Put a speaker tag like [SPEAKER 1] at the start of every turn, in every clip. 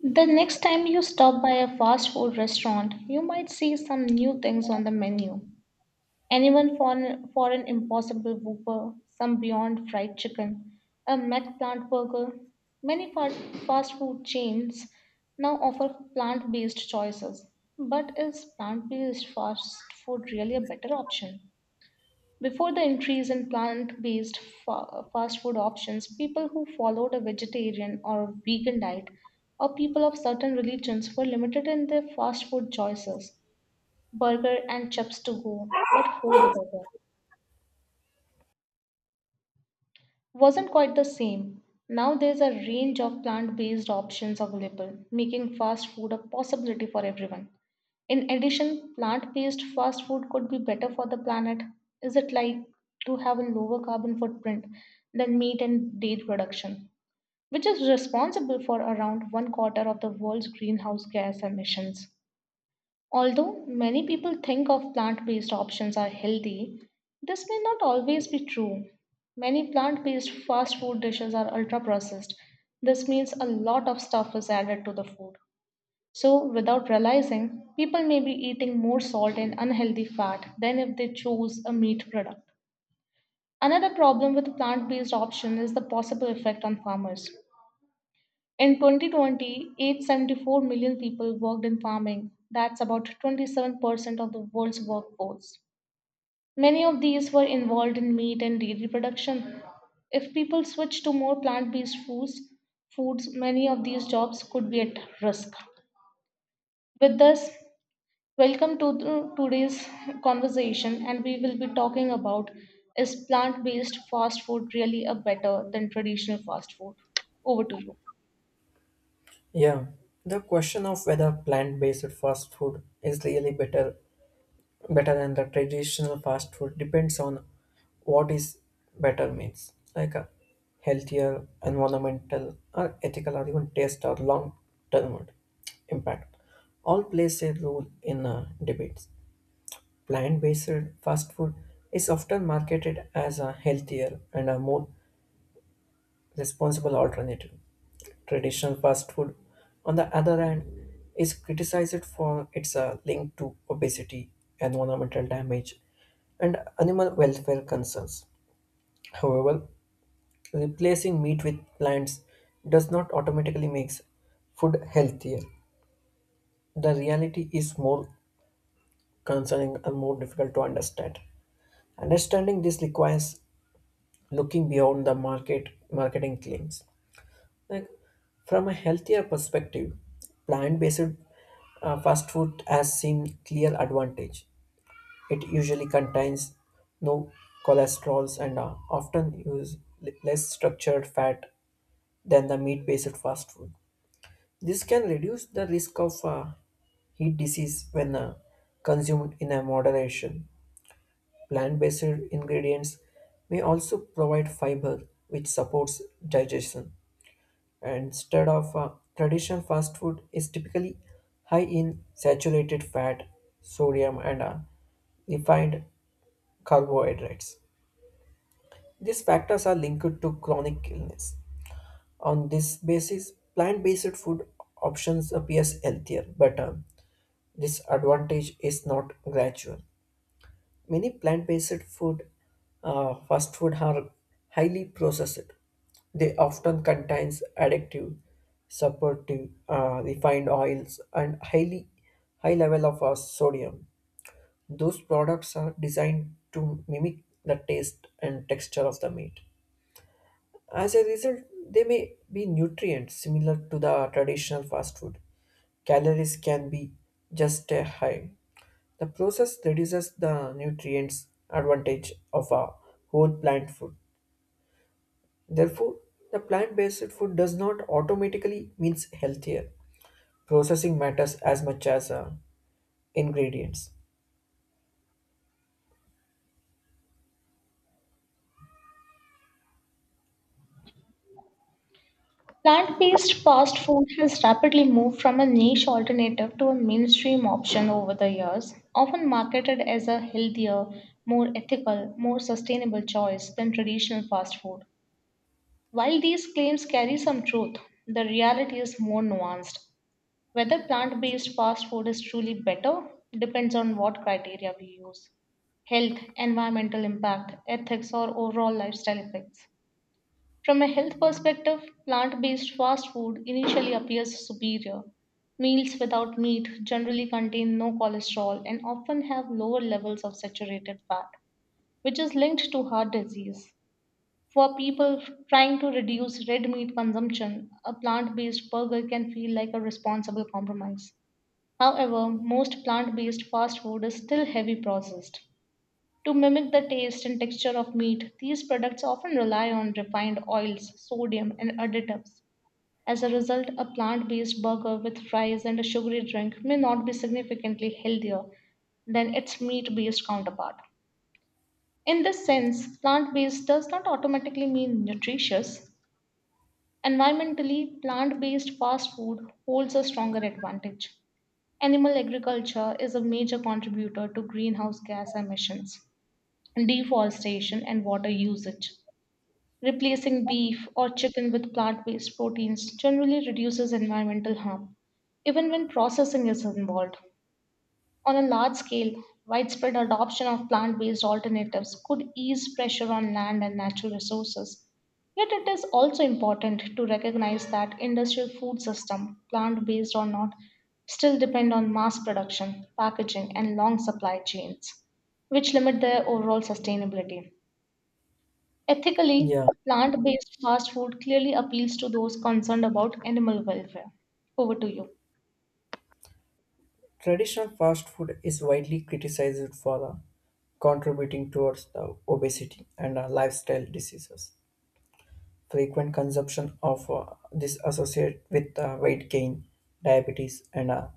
[SPEAKER 1] The next time you stop by a fast food restaurant, you might see some new things on the menu. Anyone for an impossible whooper, some beyond fried chicken, a mac plant burger. Many fa- fast food chains now offer plant based choices. But is plant based fast food really a better option? Before the increase in plant based fast food options, people who followed a vegetarian or vegan diet or people of certain religions were limited in their fast food choices burger and chips to go, but hold the burger. Wasn't quite the same. Now there's a range of plant based options available, making fast food a possibility for everyone. In addition, plant based fast food could be better for the planet. Is it like to have a lower carbon footprint than meat and dairy production, which is responsible for around one quarter of the world's greenhouse gas emissions? Although many people think of plant based options are healthy, this may not always be true. Many plant based fast food dishes are ultra processed. This means a lot of stuff is added to the food. So, without realizing, people may be eating more salt and unhealthy fat than if they chose a meat product. Another problem with plant based option is the possible effect on farmers. In 2020, 874 million people worked in farming. That's about 27% of the world's workforce. Many of these were involved in meat and dairy production. If people switch to more plant-based foods, many of these jobs could be at risk. With us, welcome to today's conversation, and we will be talking about is plant-based fast food really a better than traditional fast food? Over to you.
[SPEAKER 2] Yeah, the question of whether plant-based fast food is really better than the traditional fast food depends on what is better means, like a healthier, environmental, or ethical, or even taste or long-term impact. All plays a role in debates. Plant-based fast food is often marketed as a healthier and a more responsible alternative. Traditional fast food, on the other hand, is criticized for its link to obesity, environmental damage, and animal welfare concerns. However, replacing meat with plants does not automatically make food healthier. The reality is more concerning and more difficult to understand. Understanding this requires looking beyond the marketing claims. Like, from a healthier perspective, plant-based fast food has seen clear advantage. It usually contains no cholesterols and often use less structured fat than the meat-based fast food. This can reduce the risk of heat disease when consumed in a moderation. Plant-based ingredients may also provide fiber, which supports digestion. Instead of, traditional fast food is typically high in saturated fat, sodium, and refined carbohydrates. These factors are linked to chronic illness. On this basis, plant-based food options appears healthier, but this advantage is not gradual. Many fast food are highly processed. They often contains addictive, supportive, refined oils and high level of sodium. Those products are designed to mimic the taste and texture of the meat. As a result, they may be nutrients similar to the traditional fast food. Calories can be just a high. The process reduces the nutrients advantage of a whole plant food. Therefore, the plant-based food does not automatically means healthier. Processing matters as much as ingredients.
[SPEAKER 1] Plant-based fast food has rapidly moved from a niche alternative to a mainstream option over the years, often marketed as a healthier, more ethical, more sustainable choice than traditional fast food. While these claims carry some truth, the reality is more nuanced. Whether plant-based fast food is truly better depends on what criteria we use: health, environmental impact, ethics, or overall lifestyle effects. From a health perspective, plant based fast food initially appears superior. Meals without meat generally contain no cholesterol and often have lower levels of saturated fat, which is linked to heart disease. For people trying to reduce red meat consumption, a plant based burger can feel like a responsible compromise. However, most plant based fast food is still heavy processed to mimic the taste and texture of meat, these products often rely on refined oils, sodium, and additives. As a result, a plant based burger with fries and a sugary drink may not be significantly healthier than its meat based counterpart. In this sense, plant based does not automatically mean nutritious. Environmentally, plant based fast food holds a stronger advantage. Animal agriculture is a major contributor to greenhouse gas emissions deforestation, and water usage. Replacing beef or chicken with plant based proteins generally reduces environmental harm, even when processing is involved. On a large scale, widespread adoption of plant based alternatives could ease pressure on land and natural resources. Yet it is also important to recognize that industrial food system, plant based or not, still depend on mass production, packaging and long supply chains, which limit their overall sustainability.
[SPEAKER 2] Yeah,
[SPEAKER 1] Ethically, plant based fast food clearly appeals to those concerned about animal welfare. Over to you.
[SPEAKER 2] traditional fast food is widely criticized for contributing towards the obesity and lifestyle diseases. Frequent consumption of this associated with weight gain, diabetes, and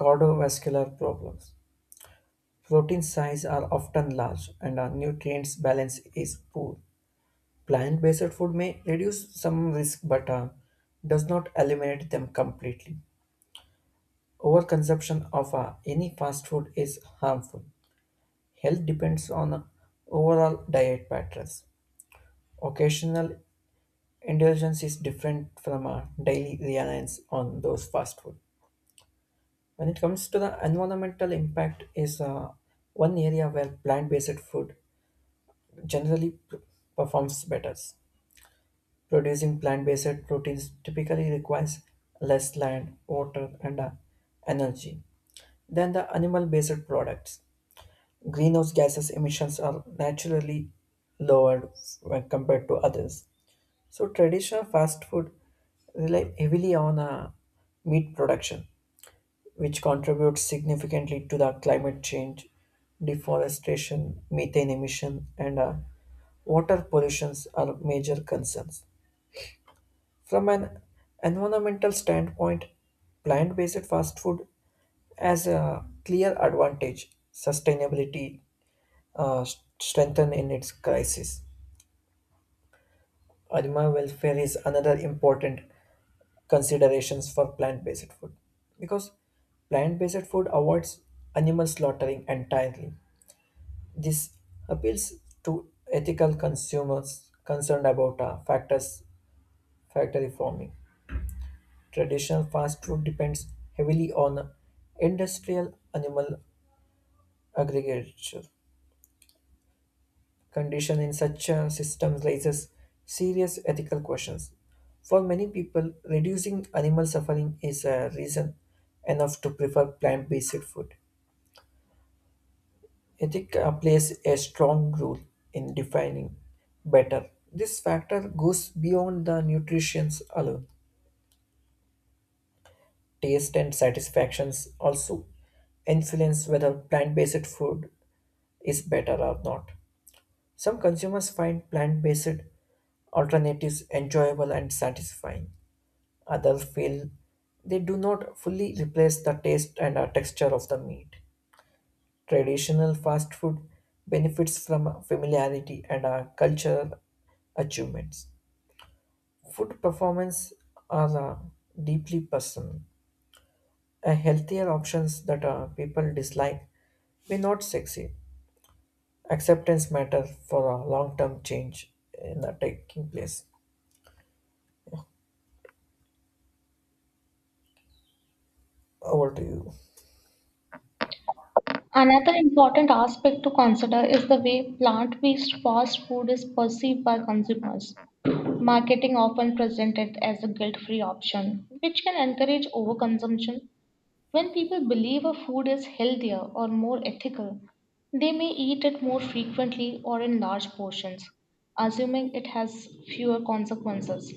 [SPEAKER 2] cardiovascular problems. Protein size are often large, and nutrients balance is poor. Plant-based food may reduce some risk, but does not eliminate them completely. Overconsumption of any fast food is harmful. Health depends on overall diet patterns. Occasional indulgence is different from our daily reliance on those fast food. When it comes to the environmental impact, is one area where plant-based food generally performs better. Producing plant-based proteins typically requires less land, water, and energy than the animal-based products. Greenhouse gases emissions are naturally lower when compared to others. So traditional fast food rely heavily on meat production, which contributes significantly to the climate change, deforestation, methane emission, and water pollutions are major concerns. From an environmental standpoint, plant-based fast food has a clear advantage, sustainability uh, strengthened in its crisis. Animal welfare is another important considerations for plant-based food because plant-based food avoids animal slaughtering entirely. This appeals to ethical consumers concerned about factors factory farming. Traditional fast food depends heavily on industrial animal agriculture. Condition in such a system raises serious ethical questions. For many people, reducing animal suffering is a reason enough to prefer plant based food. Ethic plays a strong role in defining better. This factor goes beyond the nutrition alone. Taste and satisfactions also influence whether plant based food is better or not. Some consumers find plant based alternatives enjoyable and satisfying. Others feel they do not fully replace the taste and texture of the meat. Traditional fast food benefits from familiarity and cultural achievements. Food performance are deeply personal. A healthier options that people dislike may not succeed. Acceptance matters for a long-term change in the taking place. Over to you.
[SPEAKER 1] Another important aspect to consider is the way plant based fast food is perceived by consumers. Marketing often presents it as a guilt free option, which can encourage overconsumption. When people believe a food is healthier or more ethical, they may eat it more frequently or in large portions, assuming it has fewer consequences.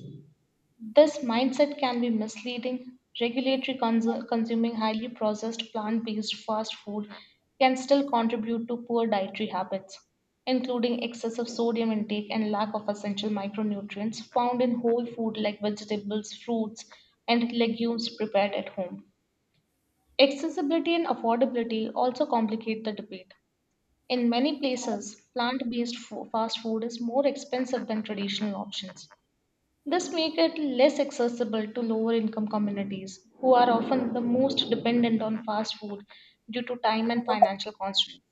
[SPEAKER 1] This mindset can be misleading. Regulatory consuming highly processed plant based fast food can still contribute to poor dietary habits, including excessive sodium intake and lack of essential micronutrients found in whole food like vegetables, fruits, and legumes prepared at home. Accessibility and affordability also complicate the debate. In many places, plant based fast food is more expensive than traditional options. This makes it less accessible to lower income communities who are often the most dependent on fast food due to time and financial constraints.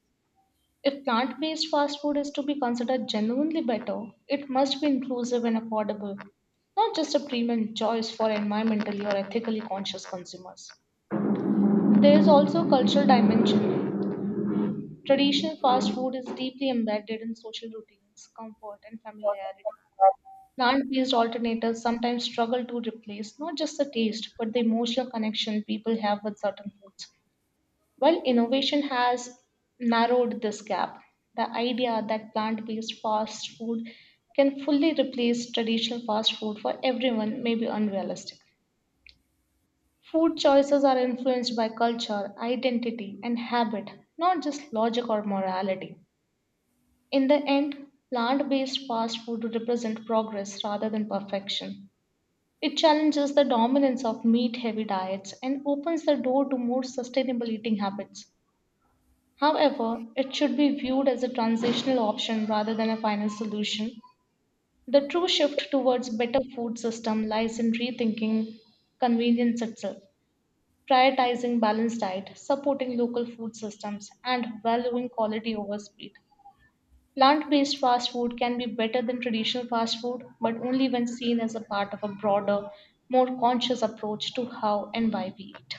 [SPEAKER 1] If plant based fast food is to be considered genuinely better, it must be inclusive and affordable, not just a premium choice for environmentally or ethically conscious consumers. There is also a cultural dimension. Traditional fast food is deeply embedded in social routines, comfort, and familiarity. Plant based alternatives sometimes struggle to replace not just the taste, but the emotional connection people have with certain foods. While innovation has narrowed this gap, the idea that plant based fast food can fully replace traditional fast food for everyone may be unrealistic. Food choices are influenced by culture, identity, and habit, not just logic or morality. In the end, plant based fast food represent progress rather than perfection. It challenges the dominance of meat heavy diets and opens the door to more sustainable eating habits. However, it should be viewed as a transitional option rather than a final solution. The true shift towards better food system lies in rethinking convenience itself, prioritizing balanced diet, supporting local food systems and valuing quality over speed. Plant-based fast food can be better than traditional fast food, but only when seen as a part of a broader, more conscious approach to how and why we eat.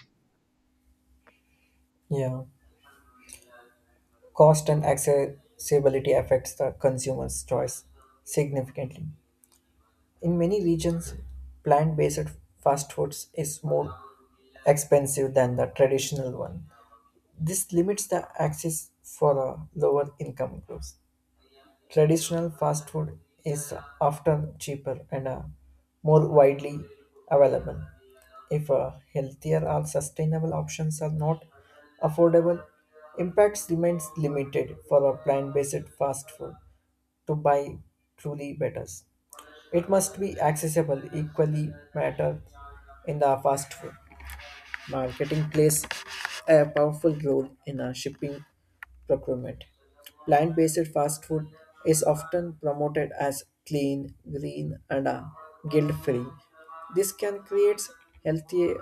[SPEAKER 2] Yeah. Cost and accessibility affects the consumer's choice significantly. In many regions, plant-based fast foods is more expensive than the traditional one. This limits the access for the lower income groups. Traditional fast food is often cheaper and more widely available. If healthier or sustainable options are not affordable, impacts remains limited for a plant-based fast food to buy truly better. It must be accessible equally matter in the fast food. Marketing plays a powerful role in shipping procurement. Plant based fast food is often promoted as clean, green, and guilt free. This can create healthy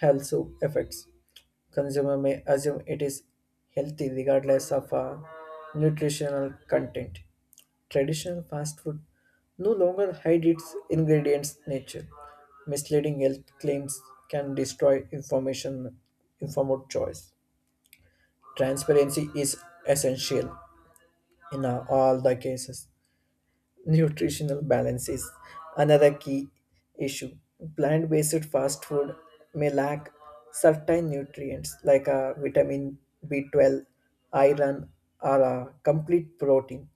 [SPEAKER 2] health effects. Consumer may assume it is healthy regardless of nutritional content. Traditional fast food no longer hide its ingredients nature. Misleading health claims can destroy information informed choice. Transparency is essential. In all the cases, nutritional balance is another key issue. Plant based fast food may lack certain nutrients like vitamin B12, iron, or a complete protein.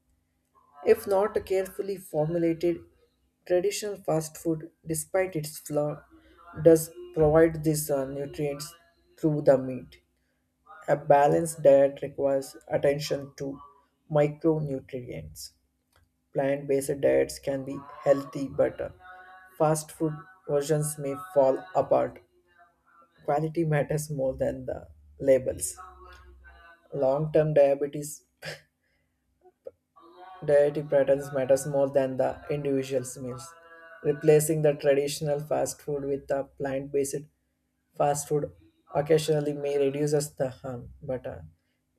[SPEAKER 2] If not carefully formulated, traditional fast food, despite its flaw, does provide these nutrients through the meat. A balanced diet requires attention to micronutrients. Plant-based diets can be healthy, but fast food versions may fall apart. Quality matters more than the labels. Long-term diabetes dietary patterns matters more than the individual's meals. Replacing the traditional fast food with a plant-based fast food occasionally may reduce us the harm, but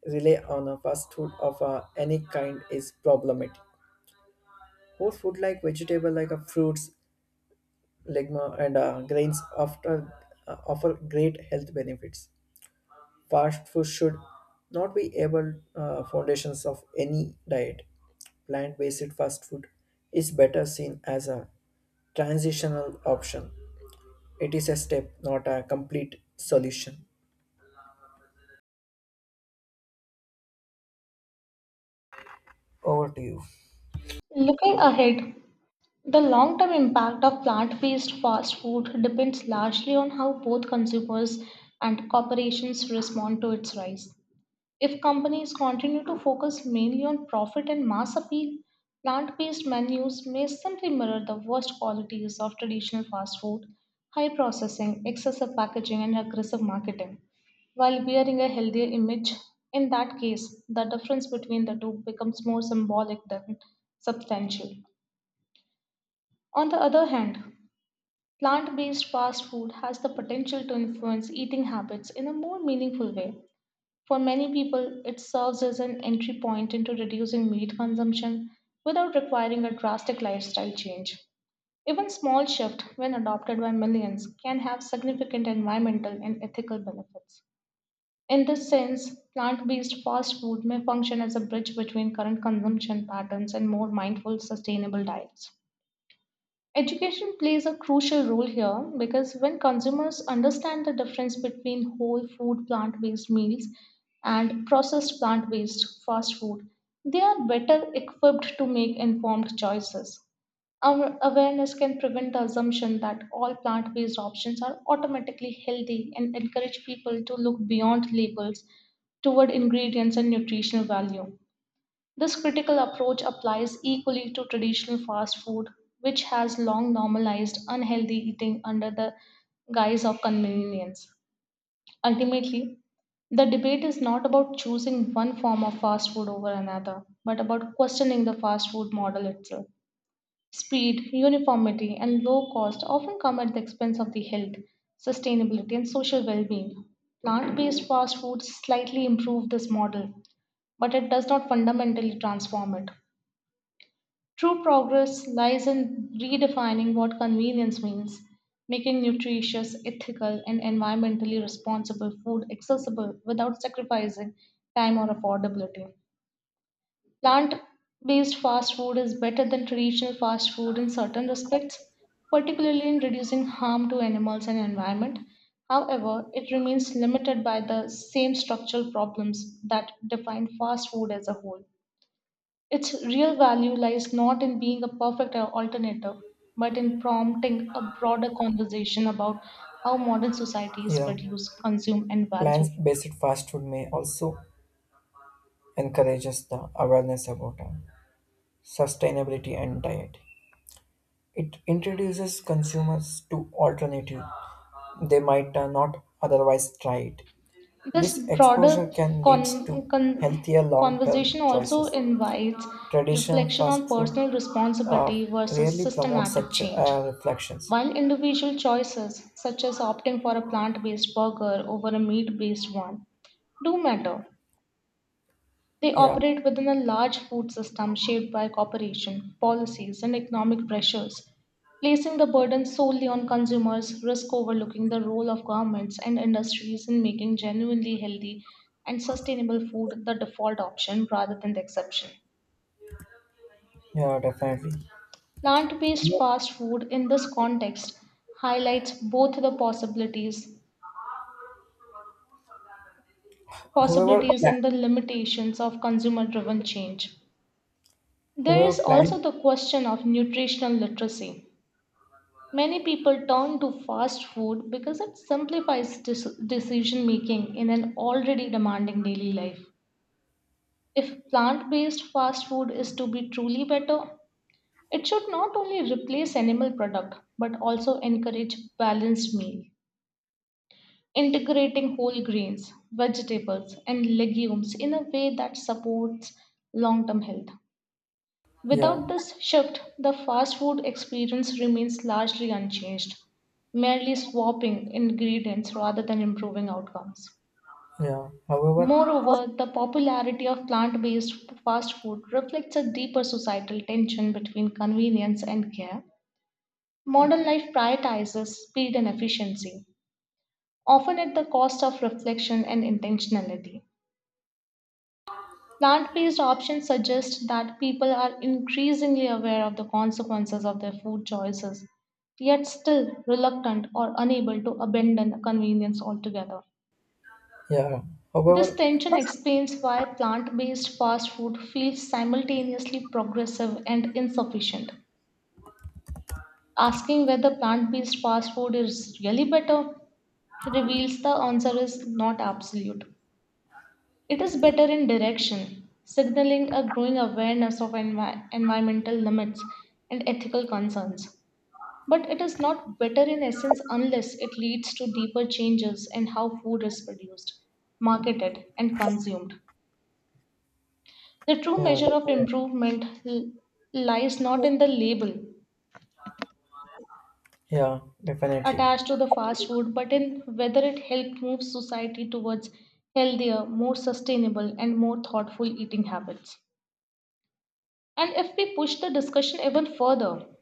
[SPEAKER 2] rely on a fast food of any kind is problematic. Whole food like vegetable like a fruits legma, and grains after, offer great health benefits. Fast food should not be able foundations of any diet. Plant-based fast food is better seen as a transitional option. It is a step, not a complete solution. Over to you.
[SPEAKER 1] Looking ahead, the long term impact of plant based fast food depends largely on how both consumers and corporations respond to its rise. If companies continue to focus mainly on profit and mass appeal, plant based menus may simply mirror the worst qualities of traditional fast food, high processing, excessive packaging, and aggressive marketing. While wearing a healthier image, in that case, the difference between the two becomes more symbolic than substantial. On the other hand, plant based fast food has the potential to influence eating habits in a more meaningful way. For many people, it serves as an entry point into reducing meat consumption without requiring a drastic lifestyle change. Even small shift, when adopted by millions, can have significant environmental and ethical benefits. In this sense, plant-based fast food may function as a bridge between current consumption patterns and more mindful, sustainable diets. Education plays a crucial role here because when consumers understand the difference between whole food plant based meals and processed plant based fast food, they are better equipped to make informed choices. Our awareness can prevent the assumption that all plant based options are automatically healthy and encourage people to look beyond labels toward ingredients and nutritional value. This critical approach applies equally to traditional fast food, which has long normalized unhealthy eating under the guise of convenience. Ultimately, the debate is not about choosing one form of fast food over another, but about questioning the fast food model itself. Speed, uniformity, and low cost often come at the expense of the health, sustainability, and social well being. Plant based fast foods slightly improve this model, but it does not fundamentally transform it. True progress lies in redefining what convenience means, making nutritious, ethical, and environmentally responsible food accessible without sacrificing time or affordability. Plant based fast food is better than traditional fast food in certain respects, particularly in reducing harm to animals and environment. However, it remains limited by the same structural problems that define fast food as a whole. Its real value lies not in being a perfect alternative, but in prompting a broader conversation about how modern societies
[SPEAKER 2] Yeah,
[SPEAKER 1] produce, consume, and value food.
[SPEAKER 2] plant-based fast food may also encourages the awareness about sustainability and diet. It introduces consumers to alternative they might not otherwise try it.
[SPEAKER 1] This
[SPEAKER 2] This exposure
[SPEAKER 1] broader
[SPEAKER 2] can lead to healthier long term
[SPEAKER 1] conversation also
[SPEAKER 2] choices.
[SPEAKER 1] invites
[SPEAKER 2] Traditional
[SPEAKER 1] reflection
[SPEAKER 2] fast
[SPEAKER 1] on
[SPEAKER 2] food
[SPEAKER 1] personal
[SPEAKER 2] uh,
[SPEAKER 1] responsibility versus
[SPEAKER 2] rarely promotes
[SPEAKER 1] systematic
[SPEAKER 2] such
[SPEAKER 1] change.
[SPEAKER 2] reflections.
[SPEAKER 1] While individual choices, such as opting for a plant based burger over a meat based one, do matter. They
[SPEAKER 2] Yeah,
[SPEAKER 1] operate within a large food system shaped by cooperation, policies, and economic pressures. Placing the burden solely on consumers risk overlooking the role of governments and industries in making genuinely healthy and sustainable food the default option rather than the exception.
[SPEAKER 2] yeah, definitely.
[SPEAKER 1] Plant-based fast food in this context highlights both the possibilities
[SPEAKER 2] However,
[SPEAKER 1] possibilities and the limitations of consumer driven change. There
[SPEAKER 2] however,
[SPEAKER 1] is
[SPEAKER 2] plan,
[SPEAKER 1] also the question of nutritional literacy. Many people turn to fast food because it simplifies decision making in an already demanding daily life. If plant based fast food is to be truly better, it should not only replace animal product but also encourage balanced meal, integrating whole grains, vegetables and legumes in a way that supports long-term health.
[SPEAKER 2] yeah,
[SPEAKER 1] Without this shift, the fast food experience remains largely unchanged, merely swapping ingredients rather than improving outcomes.
[SPEAKER 2] yeah, however,
[SPEAKER 1] Moreover, the popularity of plant based fast food reflects a deeper societal tension between convenience and care. Modern life prioritizes speed and efficiency, often at the cost of reflection and intentionality. Plant based options suggest that people are increasingly aware of the consequences of their food choices, yet still reluctant or unable to abandon convenience altogether.
[SPEAKER 2] yeah,
[SPEAKER 1] This
[SPEAKER 2] however,
[SPEAKER 1] tension explains why plant based fast food feels simultaneously progressive and insufficient. Asking whether plant based fast food is really better reveals the answer is not absolute. It is better in direction, signaling a growing awareness of environmental limits and ethical concerns. But it is not better in essence unless it leads to deeper changes in how food is produced, marketed, and consumed. The true
[SPEAKER 2] yeah,
[SPEAKER 1] measure of
[SPEAKER 2] definitely.
[SPEAKER 1] improvement lies not in the label
[SPEAKER 2] Yeah, definitely.
[SPEAKER 1] attached to the fast food, but in whether it helped move society towards healthier, more sustainable, and more thoughtful eating habits. And if we push the discussion even further,